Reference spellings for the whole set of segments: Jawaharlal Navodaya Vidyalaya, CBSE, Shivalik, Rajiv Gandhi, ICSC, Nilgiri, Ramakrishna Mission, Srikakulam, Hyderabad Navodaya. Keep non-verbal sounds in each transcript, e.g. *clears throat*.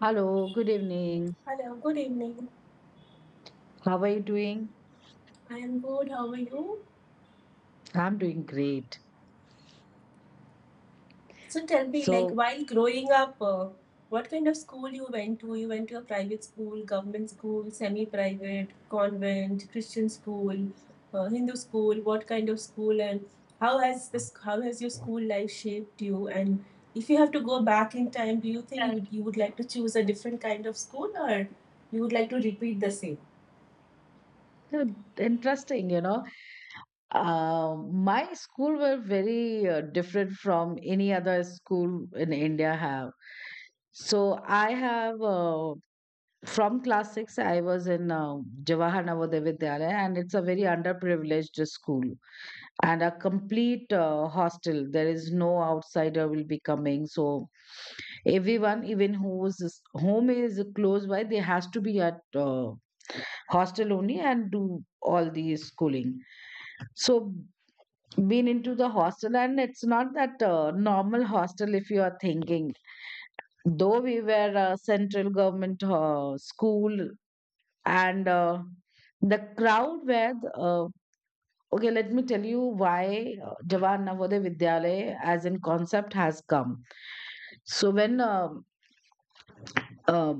Hello, good evening. Hello, good evening. How are you doing? I am good. How are you? I'm doing great. So tell me, like, So, while growing up, what kind of school you went to? You went to a private school, government school, semi-private, convent, Christian school, Hindu school. What kind of school and how has this? How has your school life shaped you? And if you have to go back in time, do you think you would like to choose a different kind of school or you would like to repeat the same? uh, interesting. My school were very different from any other school in India have. So, I have from class six, I was in Jawahar Navodaya Vidyalaya, and it's a very underprivileged school. And a complete hostel, there is no outsider will be coming, so everyone, even whose home is close by, they has to be at hostel only and do all the schooling. So been into the hostel, and it's not that normal hostel if you are thinking, though we were a central government school. And the crowd were okay, let me tell you why Jawaharlal Navodaya Vidyalaya as in concept has come. So when uh,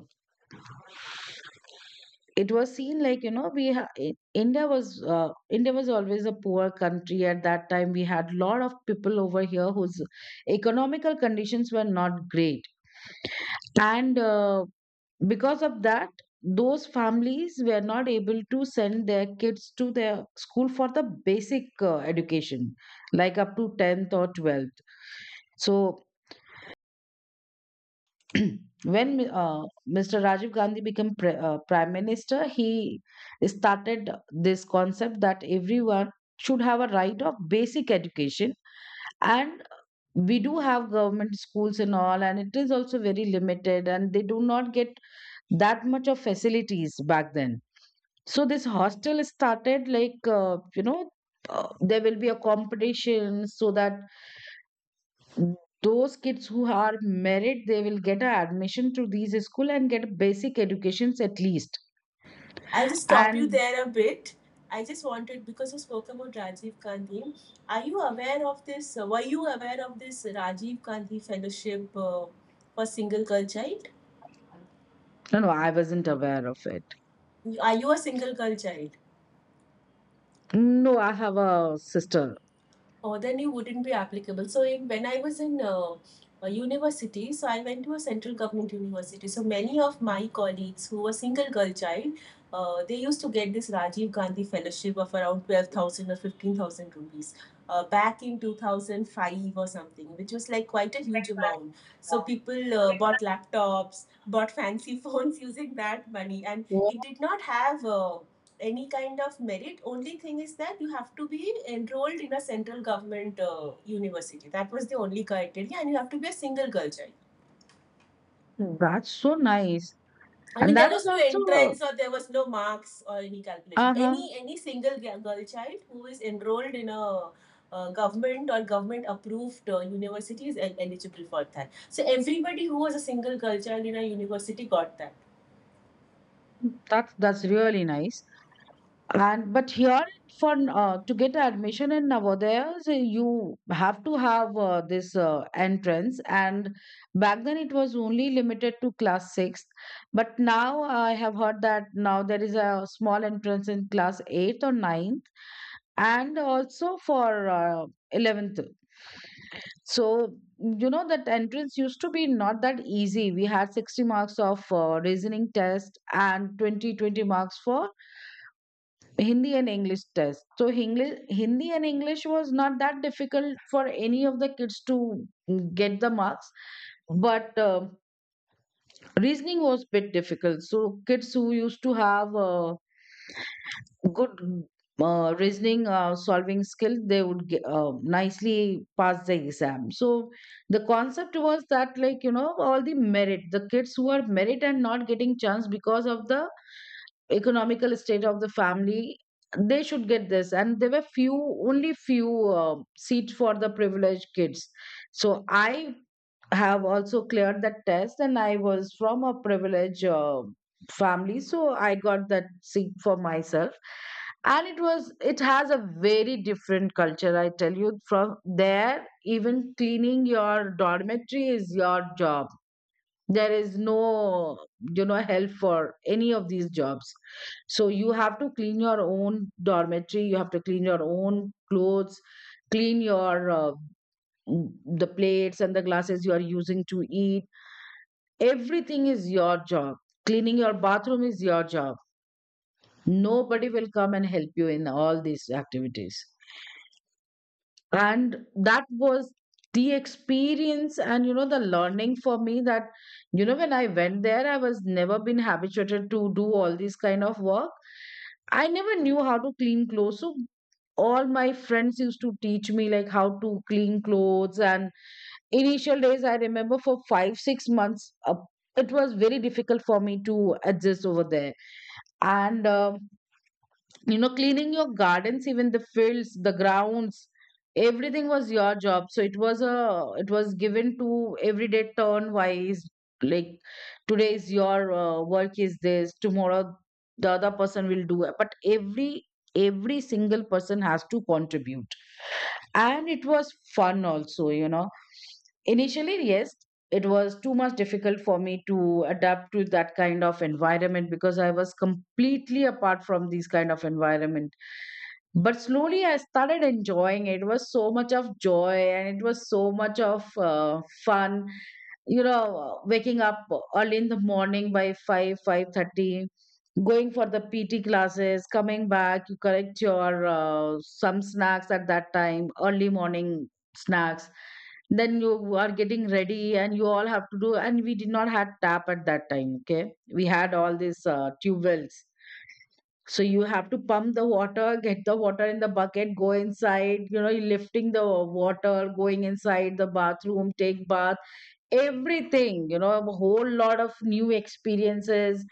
it was seen, like, you know, India was always a poor country at that time. We had lot of people over here whose economical conditions were not great, and because of that, those families were not able to send their kids to their school for the basic education, like up to 10th or 12th. So *clears throat* when Mr. Rajiv Gandhi became prime minister, he started this concept that everyone should have a right of basic education, and we do have government schools and all, and it is also very limited and they do not get that much of facilities back then. So this hostel started, like, you know, there will be a competition so that those kids who are merit, they will get an admission to these school and get basic educations at least. I'll just stop you And there a bit. I just wanted because you spoke about Rajiv Gandhi. Are you aware of this? Were you aware of this Rajiv Gandhi Fellowship for single girl child? no, no, I wasn't aware of it. Are you a single girl child? No, I have a sister. Or then it wouldn't be applicable. So in, when I was in a university, so I went to a central government university. So many of my colleagues who were single girl child, they used to get this Rajiv Gandhi fellowship of around 12,000 or 15,000 rupees back in 2005 or something, which was like quite a huge amount. So people bought laptops, bought fancy *laughs* phones using that money, and Wow. it did not have any kind of merit. Only thing is that you have to be enrolled in a central government university. That was the only criteria, and you have to be a single girl child. That's so nice. I mean, And there that is was no entrance also or there was no marks or any calculation. uh Any huh. any single girl child who is enrolled in a government or government approved university is eligible for that. So everybody who was a single girl child in a university got that. That's really nice. And but here, for to get admission in Navodaya, so you have to have this entrance. And back then it was only limited to class sixth. But now I have heard that now there is a small entrance in class eighth or ninth, and also for 11th. So you know, that entrance used to be not that easy. We had 60 marks of reasoning test and 20, 20 marks for Hindi and English test. So English, Hindi and English was not that difficult for any of the kids to get the marks, but reasoning was bit difficult. So kids who used to have good reasoning solving skill, they would nicely pass the exam. So the concept was that, like, you know, all the merit, the kids who are merit and not getting chance because of the economical state of the family, they should get this, and there were few, only few, seats for the privileged kids. So I have also cleared that test, and I was from a privileged family, so I got that seat for myself. And it has a very different culture, I tell you. From there, even cleaning your dormitory is your job. There is no, you know, help for any of these jobs. So you have to clean your own dormitory, you have to clean your own clothes, clean your the plates and the glasses you are using to eat. Everything is your job. Cleaning your bathroom is your job. Nobody will come and help you in all these activities. And that was the experience, and, you know, the learning for me, that, you know, when I went there, I was never been habituated to do all this kind of work. I never knew how to clean clothes, so all my friends used to teach me, like, how to clean clothes. And initial days, I remember, for 5 6 months, it was very difficult for me to adjust over there. And you know, cleaning your gardens, even the fields, the grounds, everything was your job. So it was given to everyday turn wise. Like, today is your work is this, tomorrow the other person will do it, but every single person has to contribute. And it was fun also, you know. Initially, yes, it was too much difficult for me to adapt to that kind of environment, because I was completely apart from these kind of environment. But slowly I started enjoying it. It was so much of joy, and it was so much of fun, you know, waking up early in the morning by 5 5:30, going for the PT classes, coming back. You correct your some snacks at that time, early morning snacks. Then you are getting ready, and you all have to do. And we did not had tap at that time. Okay, we had all these tube wells. So you have to pump the water, get the water in the bucket, go inside. You know, you're lifting the water, going inside the bathroom, take bath. Everything, you know, a whole lot of new experiences.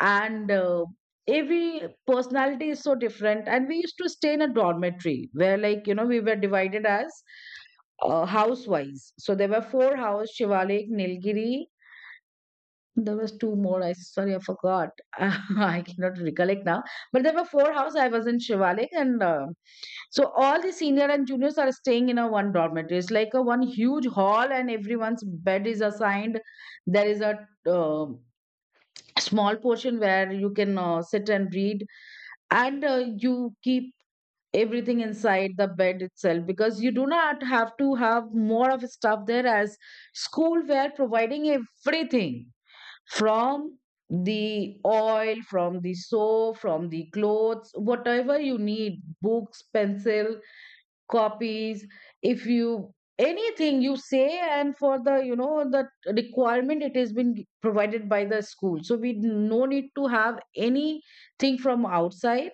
And every personality is so different, and we used to stay in a dormitory where, like, you know, we were divided as house wise. So there were four houses: Shivalik, Nilgiri, there was two more. I sorry, I forgot. *laughs* I cannot recollect now. But there were four houses. I was in Shivalik, and so all the senior and juniors are staying in a one dormitory. It's like a one huge hall, and everyone's bed is assigned. There is a uh, small portion where you can sit and read, and you keep everything inside the bed itself, because you do not have to have more of stuff there, as school were providing everything, from the oil, from the soap, from the clothes, whatever you need, books, pencil, copies. If you, anything you say, and for the, you know, the requirement, it has been provided by the school, so we no need to have anything from outside.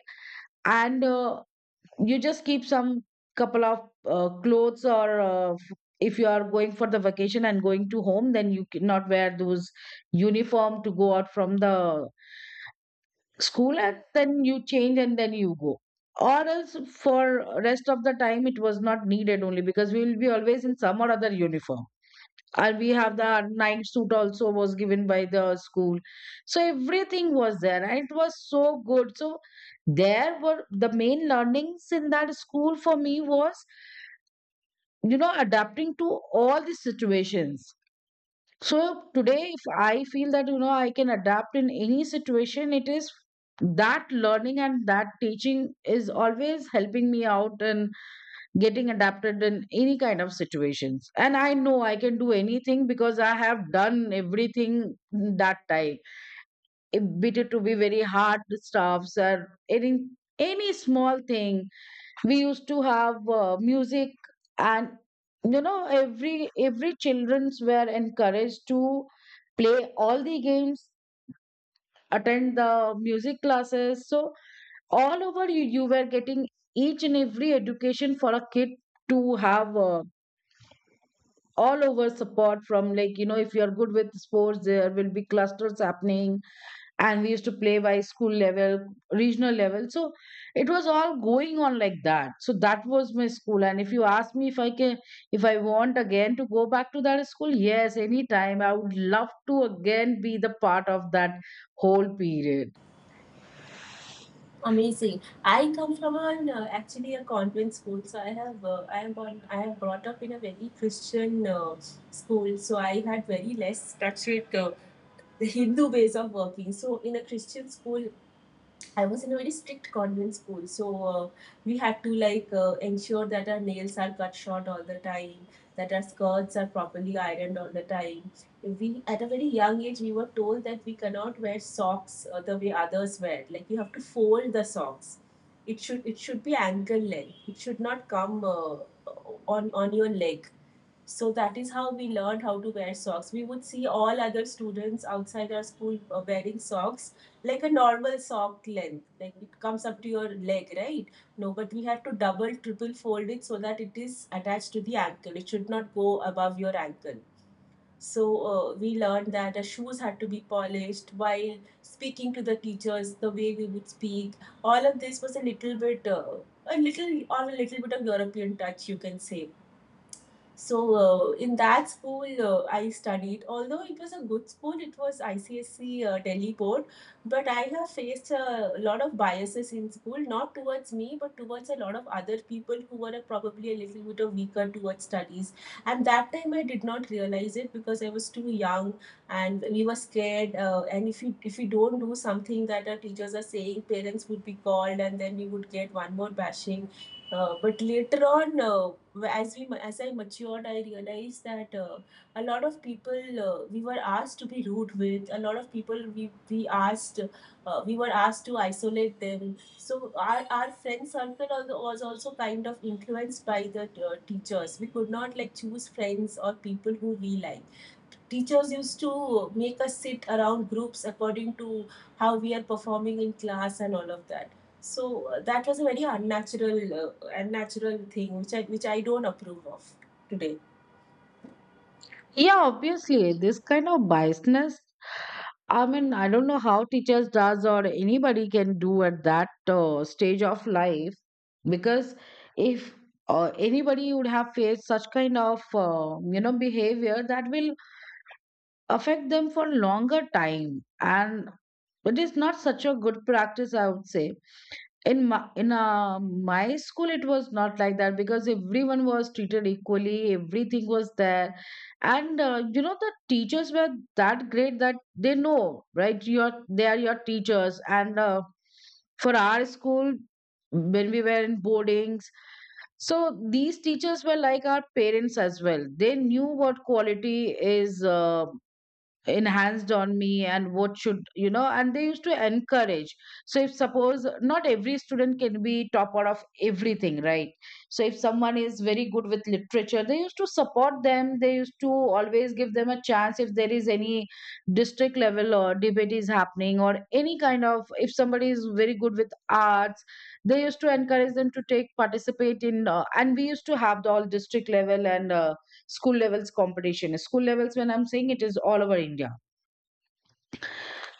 And you just keep some couple of clothes, or if you are going for the vacation and going to home, then you cannot wear those uniform to go out from the school, and then you change and then you go. Or else for rest of the time it was not needed only, because we will be always in some or other uniform. And we have the night suit also was given by the school. So everything was there, and it was so good. So there were the main learnings in that school for me was, you know, adapting to all the situations. So today if I feel that, you know, I can adapt in any situation, it is that learning and that teaching is always helping me out in getting adapted in any kind of situations, and I know I can do anything because I have done everything that time. It be, it to be very hard stuffs, or any any small thing. We used to have music, and you know, every childrens were encouraged to play all the games, attend the music classes. So all over you, were getting each and every education for a kid to have all over support from, like, you know, if you're good with sports there will be clusters happening, and we used to play by school level, regional level. So it was all going on like that. So that was my school. And if you ask me if I can, if I want again to go back to that school, yes, anytime I would love to again be the part of that whole period. Amazing. I come from an actually a convent school, so I am born I have brought up in a very Christian school, so I had very less touch with the Hindu ways of working. So in a Christian school, I was in a very strict convent school, so we had to like ensure that our nails are cut short all the time, that our skirts are properly ironed all the time. We at a very young age we were told that we cannot wear socks the way others wear. Like you have to fold the socks. It should be ankle length. It should not come on your leg. So that is how we learned how to wear socks. We would see all other students outside our school wearing socks like a normal sock length, like it comes up to your leg, right? No, but we had to double, triple fold it so that it is attached to the ankle. It should not go above your ankle. So we learned that the shoes had to be polished while speaking to the teachers, the way we would speak. All of this was a little bit, a little bit of European touch, you can say. So in that school, I studied. Although it was a good school, it was ICSC Delhi board, but I have faced a lot of biases in school, not towards me, but towards a lot of other people who were probably a little bit of weaker towards studies. And that time I did not realize it because I was too young and we were scared. And if you don't do something that our teachers are saying, parents would be called, and then we would get one more bashing. But later on, as I matured, I realized that a lot of people we were asked to be rude with. A lot of people we asked we were asked to isolate them. So our friend circle was also kind of influenced by the teachers. We could not like choose friends or people who we like. Teachers used to make us sit around groups according to how we are performing in class and all of that. So that was a very unnatural thing which I don't approve of today. Yeah, obviously, this kind of biasness. I mean, I don't know how teachers does or anybody can do at that stage of life because if anybody would have faced such kind of behavior that will affect them for longer time, and it is not such a good practice, I would say. In my school it was not like that because everyone was treated equally, everything was there. And you know, the teachers were that great that they know, right, your they are your teachers. And for our school, when we were in boardings, so these teachers were like our parents as well. They knew what quality is enhanced on me and what should, you know, and they used to encourage. So if suppose not every student can be top out of everything, right? So if someone is very good with literature, they used to support them, they used to always give them a chance. If there is any district level or debate is happening or any kind of, if somebody is very good with arts, they used to encourage them to take participate in, and we used to have the all district level and school levels competition. School levels, when I'm saying, it is all over India.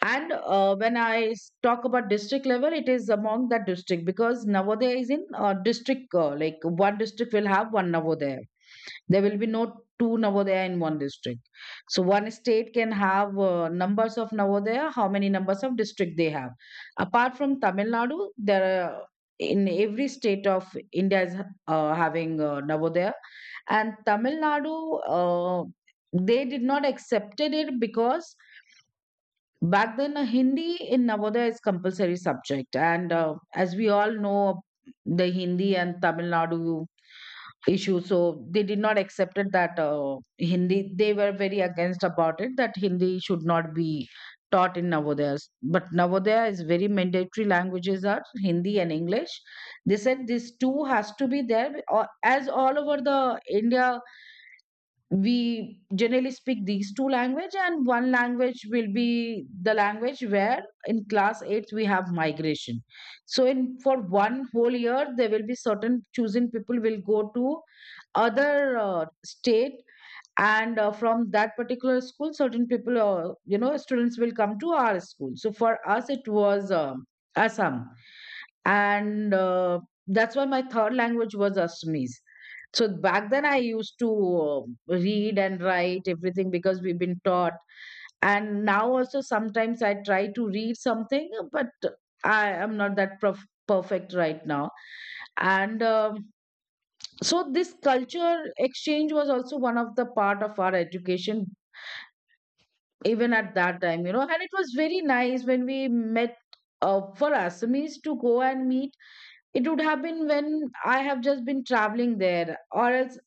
And talk about district level, it is among that district, because Navodaya is in district, like, one district will have one Navodaya. There will be no two Navodaya in one district. So one state can have numbers of Navodaya, how many numbers of district they have. Apart from Tamil Nadu, there are, in every state of India is having Navodaya, and Tamil Nadu, uh, they did not accepted it because back then Hindi in Navodaya is compulsory subject, and as we all know, the Hindi and Tamil Nadu issue, so they did not accepted that Hindi. They were very against about it, that Hindi should not be taught in Navodaya. But Navodaya is very mandatory languages are Hindi and English. They said this two has to be there, or as all over the India, we generally speak these two language, and one language will be the language where in class eighth we have migration. So in, for one whole year, there will be certain chosen people will go to other state, and from that particular school certain people, students will come to our school. So for us it was, Assam. And that's why my third language was Assamese. So back then I used to read and write everything, because we've been taught. And now also sometimes I try to read something, but I am not that perfect right now. And um so this culture exchange was also one of the part of our education even at that time, you know. And it was very nice when we met, for Assamese to go and meet, it would have been when I have just been traveling there, or else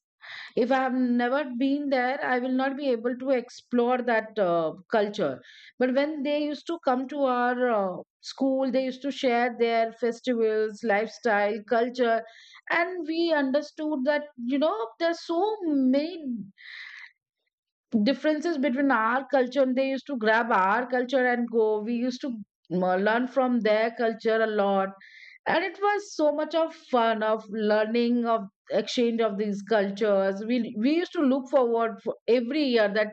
if I have never been there, I will not be able to explore that culture. But when they used to come to our school, they used to share their festivals, lifestyle, culture, and we understood that, you know, there's so many differences between our culture. And they used to grab our culture and go, we used to learn from their culture a lot. And it was so much of fun of learning, of exchange of these cultures. We used to look forward for every year that,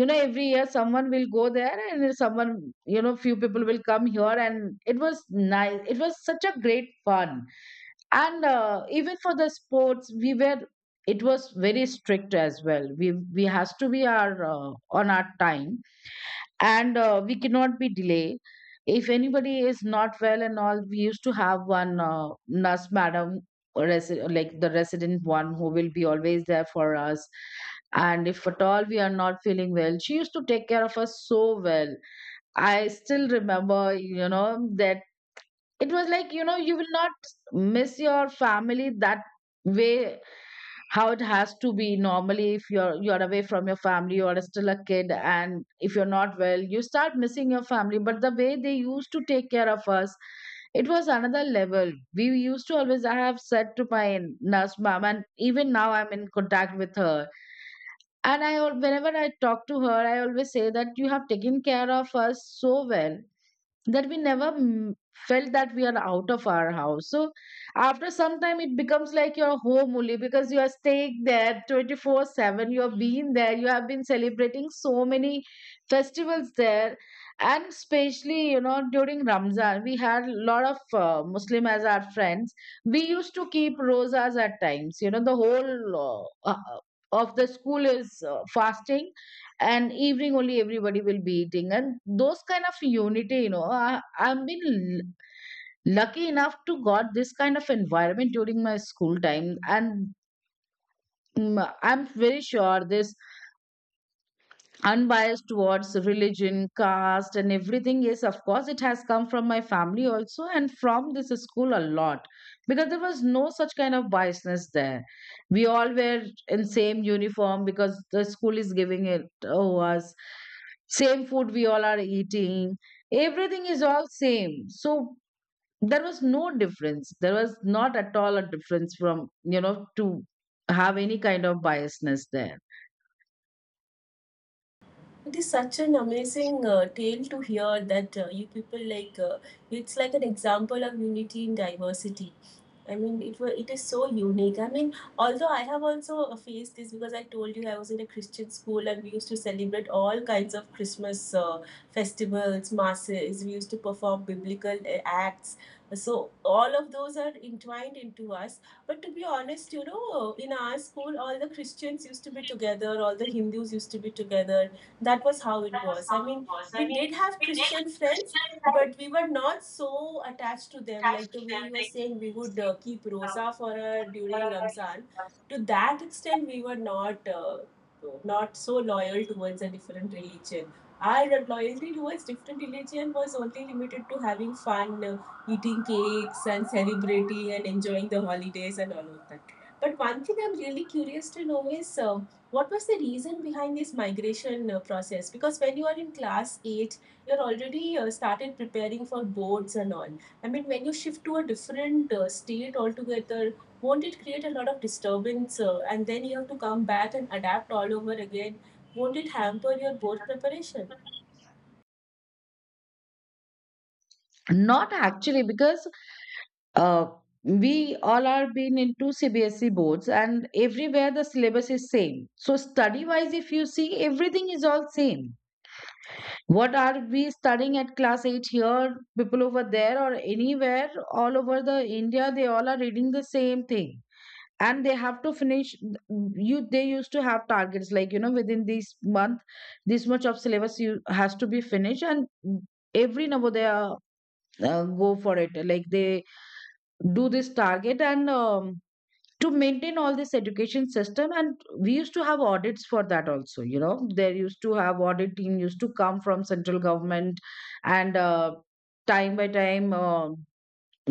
you know, every year someone will go there and someone, you know, few people will come here. And it was nice, it was such a great fun. And even for the sports we were, it was very strict as well. We has to be our, on our time, and we cannot be delay. If anybody is not well and all, we used to have one nurse madam, or like the resident one, who will be always there for us. And if at all we are not feeling well, she used to take care of us so well. I still remember, you know, that it was like, you know, you will not miss your family that way. How it has to be normally, if you're, you're away from your family, you are still a kid, and if you're not well, you start missing your family. But the way they used to take care of us, it was another level. We used to always, I have said to my nurse mom, and even now I'm in contact with her. And whenever I talk to her, I always say that you have taken care of us so well that we never felt that we are out of our house. So after some time, it becomes like your home only, because you are staying there 24/7. You have been there, you have been celebrating so many festivals there. And especially, you know, during Ramzan we had a lot of Muslim as our friends. We used to keep rosas at times, you know, the whole of the school is fasting, and evening only everybody will be eating. And those kind of unity, you know, I've been lucky enough to got this kind of environment during my school time. And I'm very sure this unbiased towards religion, caste, and everything. Yes, of course, it has come from my family also, and from this school a lot, because there was no such kind of biasness there. We all were in same uniform because the school is giving it to us. Same food we all are eating. Everything is all same. So there was no difference. There was not at all a difference from, you know, to have any kind of biasness there. It is such an amazing tale to hear that you people like it's like an example of unity in diversity. I mean, it was. It is so unique. I mean, although I have also faced this because I told you I was in a Christian school and we used to celebrate all kinds of Christmas festivals, masses. We used to perform biblical acts. So all of those are entwined into us. But to be honest, you know, in our school, all the Christians used to be together, all the Hindus used to be together. That was how it was. I mean, we did have Christian friends, but we were not so attached to them like the way you were saying we would keep rosa for her during Ramzan. To that extent we were not not so loyal towards a different religion. Our loyalty towards different religion was only limited to having fun, eating cakes and celebrating and enjoying the holidays and all of that. But one thing I'm really curious to know is what was the reason behind this migration process? Because when you are in class 8, you're already started preparing for boards and all. I mean, when you shift to a different state altogether, won't it create a lot of disturbance and then you have to come back and adapt all over again? Won't it hamper your board preparation? Not actually, because uh, we all are been into CBSE boards, and everywhere the syllabus is same. So study wise, if you see, everything is all same. What are we studying at class 8 here, people over there, or anywhere all over the India, they all are reading the same thing. And they have to finish. You, they used to have targets like, you know, within this month this much of syllabus you has to be finished. And every Navodaya go for it, like they do this target. And To maintain all this education system, and we used to have audits for that also, you know. There used to have audit team used to come from central government. And time by time,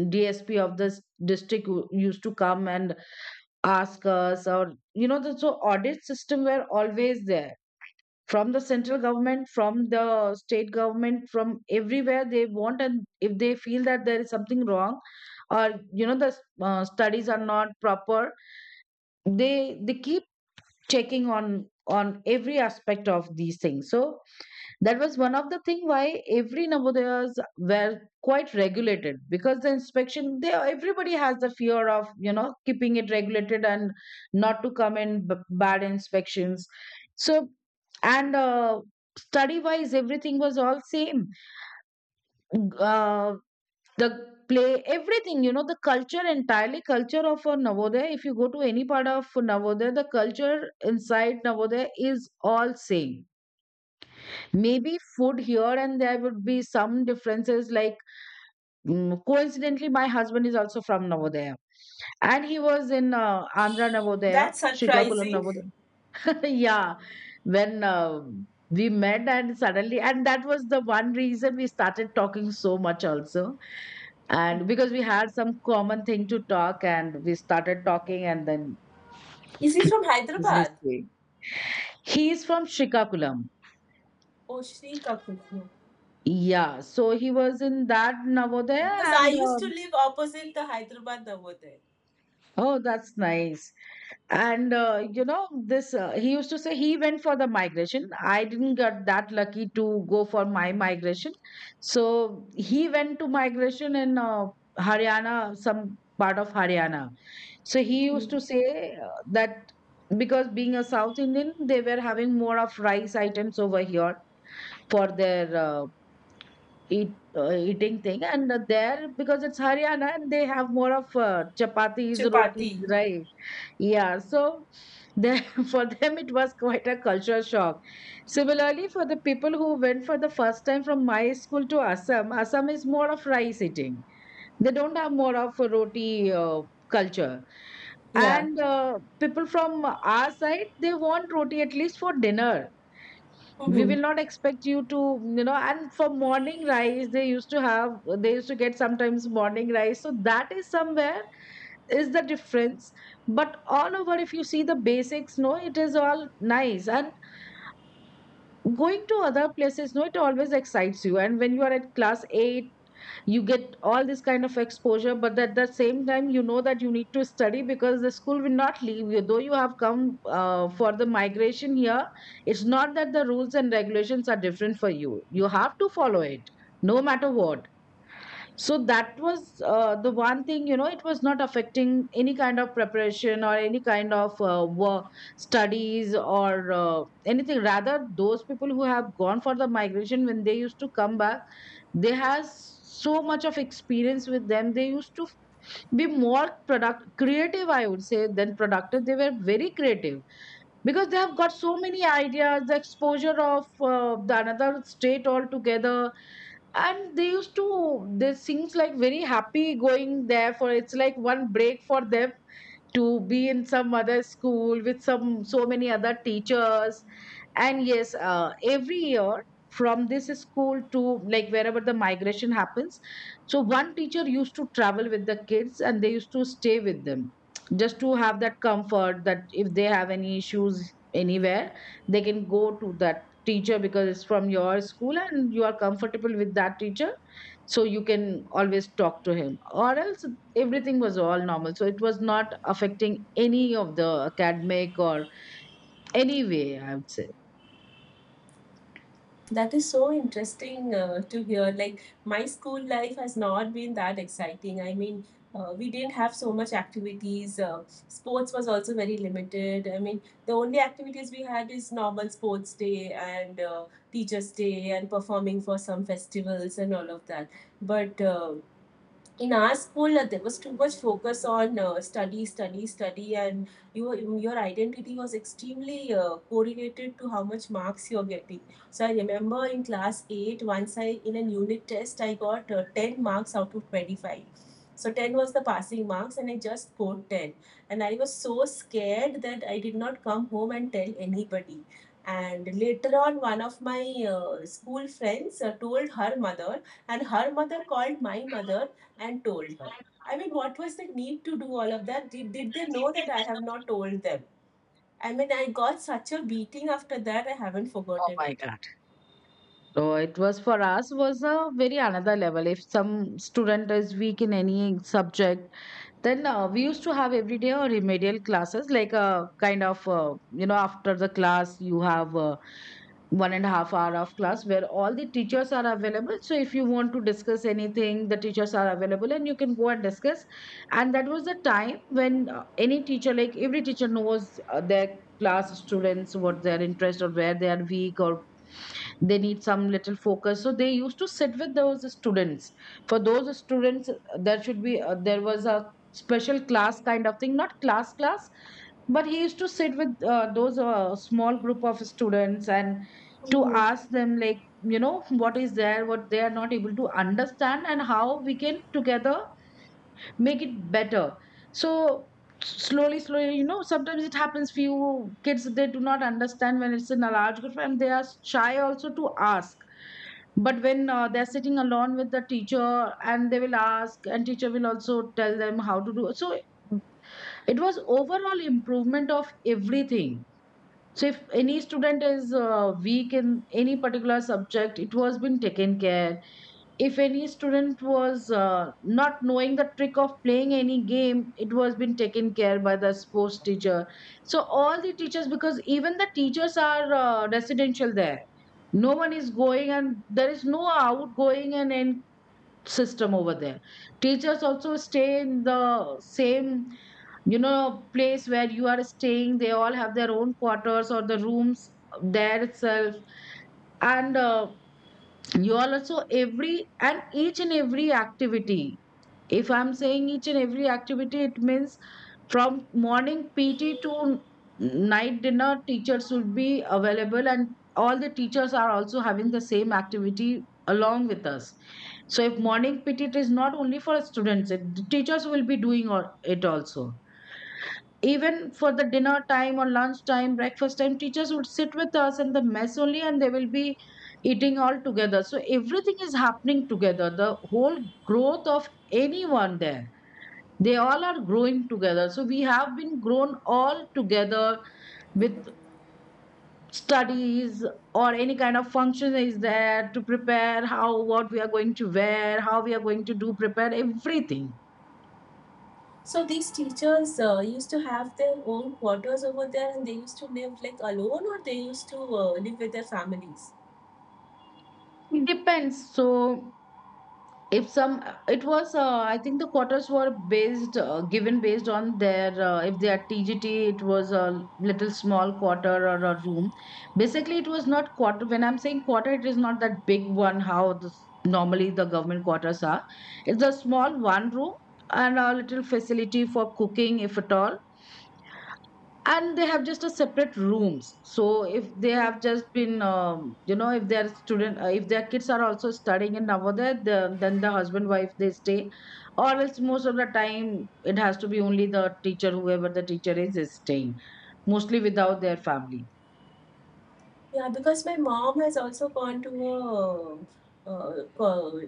DSP of this district who used to come and ask us, or you know the, so audit system were always there, from the central government, from the state government, from everywhere they want. And if they feel that there is something wrong, or you know the studies are not proper, they keep checking on every aspect of these things. So that was one of the thing why every Navodayas were quite regulated, because the inspection, they, everybody has the fear of, you know, keeping it regulated and not to come in bad inspections. So, and study wise everything was all same. Uh, the play, everything, you know, the culture, entirely culture of a Navodaya. If you go to any part of Navodaya, the culture inside Navodaya is all same. Maybe food here and there would be some differences, like, coincidentally my husband is also from Navodaya, and he was in Andhra Navodaya, That's Srikakulam surprising. Navodaya. *laughs* Yeah, when we met, and suddenly, and that was the one reason we started talking so much also. And because we had some common thing to talk, and we started talking, and then Is he from his Hyderabad? history. He's from Srikakulam. Oh, Shri Kapoor. Yeah, so he was in that Because Navodaya, I and used to live opposite the Hyderabad Navodaya. oh, that's nice. And you know this he used to say he went for the migration. I didn't get that lucky to go for my migration. So he went to migration in Haryana, some part of Haryana. So he Hmm. used to say, that because being a South Indian, they were having more of rice items over here for their, eating thing. And there because it's Haryana, and they have more of chapatis, rotis, Chapati. right? Yeah, so the, *laughs* for them it was quite a culture shock. Similarly, for the people who went for the first time from my school to Assam, Assam is more of rice eating. They don't have more of a roti culture. Yeah. And people from our side, they want roti at least for dinner. We Hmm. will not expect you to, you know, and for morning rice, they used to have, they used to get sometimes morning rice. So that is somewhere is the difference. But all over, if you see the basics, no, it is all nice. And going to other places, no, it always excites you. And when you are at class 8, you get all this kind of exposure. But at the same time, you know that you need to study, because the school will not leave you, though you have come for the migration here. It's not that the rules and regulations are different for you, you have to follow it, no matter what. So that was the one thing, you know, it was not affecting any kind of preparation or any kind of work, studies, or anything. Rather, those people who have gone for the migration, when they used to come back, they has so much of experience with them. They used to be more product creative, I would say, than productive. They were very creative because they have got so many ideas, the exposure of the another state altogether. And they used to they sings, like, very happy going there. For it's like one break for them to be in some other school with some so many other teachers. And yes, every year from this school to, like, wherever the migration happens. So one teacher used to travel with the kids and they used to stay with them, just to have that comfort that if they have any issues anywhere, they can go to that teacher because it's from your school and you are comfortable with that teacher. So you can always talk to him or else, everything was all normal, so it was not affecting any of the academic or any way, I would say. That is so interesting to hear. Like, my school life has not been that exciting. I mean, we didn't have so much activities. Sports was also very limited. I mean, the only activities we had is normal sports day and teachers' day and performing for some festivals and all of that. But in our school there was too much focus on study study study and your identity was extremely correlated to how much marks you're getting. So I remember in class 8 once I in an unit test I got 10 marks out of 25. So 10 was the passing marks and I just scored 10 and I was so scared that I did not come home and tell anybody. And later on one of my school friends told her mother and her mother called my mother and told her. I mean, what was the need to do all of that? Did they know that I have not told them? I mean, I got such a beating after that, I haven't Oh forgotten my it. God. So it was for us was a very another level. If some student is weak in any subject, then we used to have every day or remedial classes, like a kind of after the class you have 1.5 hour of class where all the teachers are available. So if you want to discuss anything, the teachers are available and you can go and discuss. And that was the time when any teacher, like every teacher, knows their class students, what their interest or where they are weak or they need some little focus. So they used to sit with those students, for those students there should be there was a special class kind of thing, not class class, but he used to sit with those small group of students and to Hmm. ask them, like, you know what is there, what they are not able to understand and how we can together make it better. So slowly slowly, you know, sometimes it happens, few kids they do not understand when it's in a large group and they are shy also to ask. But when they're sitting alone with the teacher, and they will ask and teacher will also tell them how to do. So it was overall improvement of everything. So if any student is weak in any particular subject, it was been taken care. If any student was not knowing the trick of playing any game, it was been taken care by the sports teacher. So all the teachers, because even the teachers are residential there. No one is going and there is no outgoing and in system over there, teachers also stay in the same, you know, place where you are staying. They all have their own quarters or the rooms there itself. And you all also every and each and every activity, if I'm saying each and every activity, it means from morning PT to night dinner, teachers will be available. And all the teachers are also having the same activity along with us. So if morning PT, it is not only for students, the teachers will be doing it also. Even for the dinner time or lunch time, breakfast time, teachers would sit with us in the mess only and they will be eating all together. So everything is happening together, the whole growth of anyone there, they all are growing together. So we have been grown all together with studies, or any kind of function is there, to prepare how, what we are going to wear, how we are going to do, prepare everything. So these teachers used to have their own quarters over there and they used to live like alone or they used to live with their families? It depends. So if some it was I think the quotas were based given based on their if they are TGT, it was a little small quarter or a room. Basically, it was not quarter. When I'm saying quarter, it is not that big one, how normally the government quarters are. It's a small one room and a little facility for cooking, if at all. And they have just a separate rooms. So if they have just been if their student if their kids are also studying in Navodaya, then the husband wife they stay. Or else, most of the time it has to be only the teacher, whoever the teacher is staying mostly without their family. Yeah, because my mom has also gone to a, uh, uh,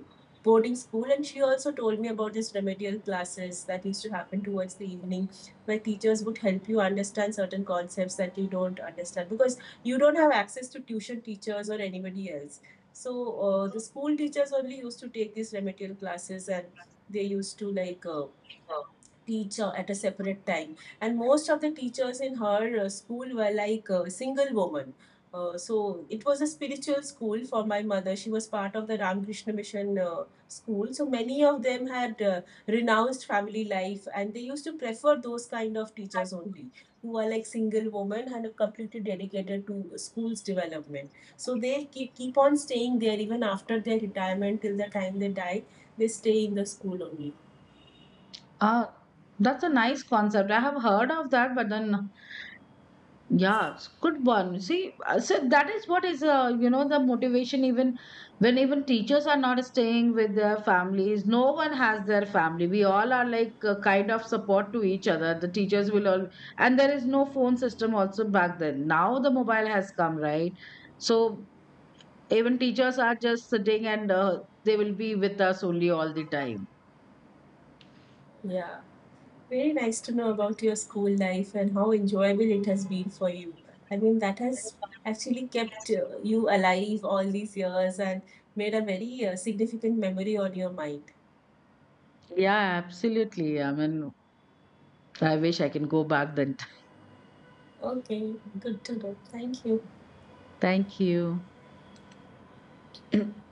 boarding school, and she also told me about these remedial classes that used to happen towards the evening, where teachers would help you understand certain concepts that you don't understand because you don't have access to tuition teachers or anybody else. So the school teachers only used to take these remedial classes, and they used to like teacher at a separate time. And most of the teachers in her school were like single woman. So it was a spiritual school for my mother. She was part of the Ramkrishna Mission school. So many of them had renounced family life and they used to prefer those kind of teachers only who are like single women and are completely dedicated to school's development. So they keep on staying there even after their retirement till the time they die. They stay in the school only. Ah, that's a nice concept. I have heard of that, but then. Yeah, it's good one. See, so that is what is, the motivation, even when even teachers are not staying with their families. No one has their family. We all are like a kind of support to each other. The teachers will all, and there is no phone system also back then. Now the mobile has come, right? So even teachers are just sitting and they will be with us only all the time. Yeah. Very nice to know about your school life and how enjoyable it has been for you. I mean, that has actually kept you alive all these years and made a very significant memory on your mind. Yeah, absolutely. I mean, I wish I can go back then. Okay, good to know. Thank you. Thank you. *clears throat*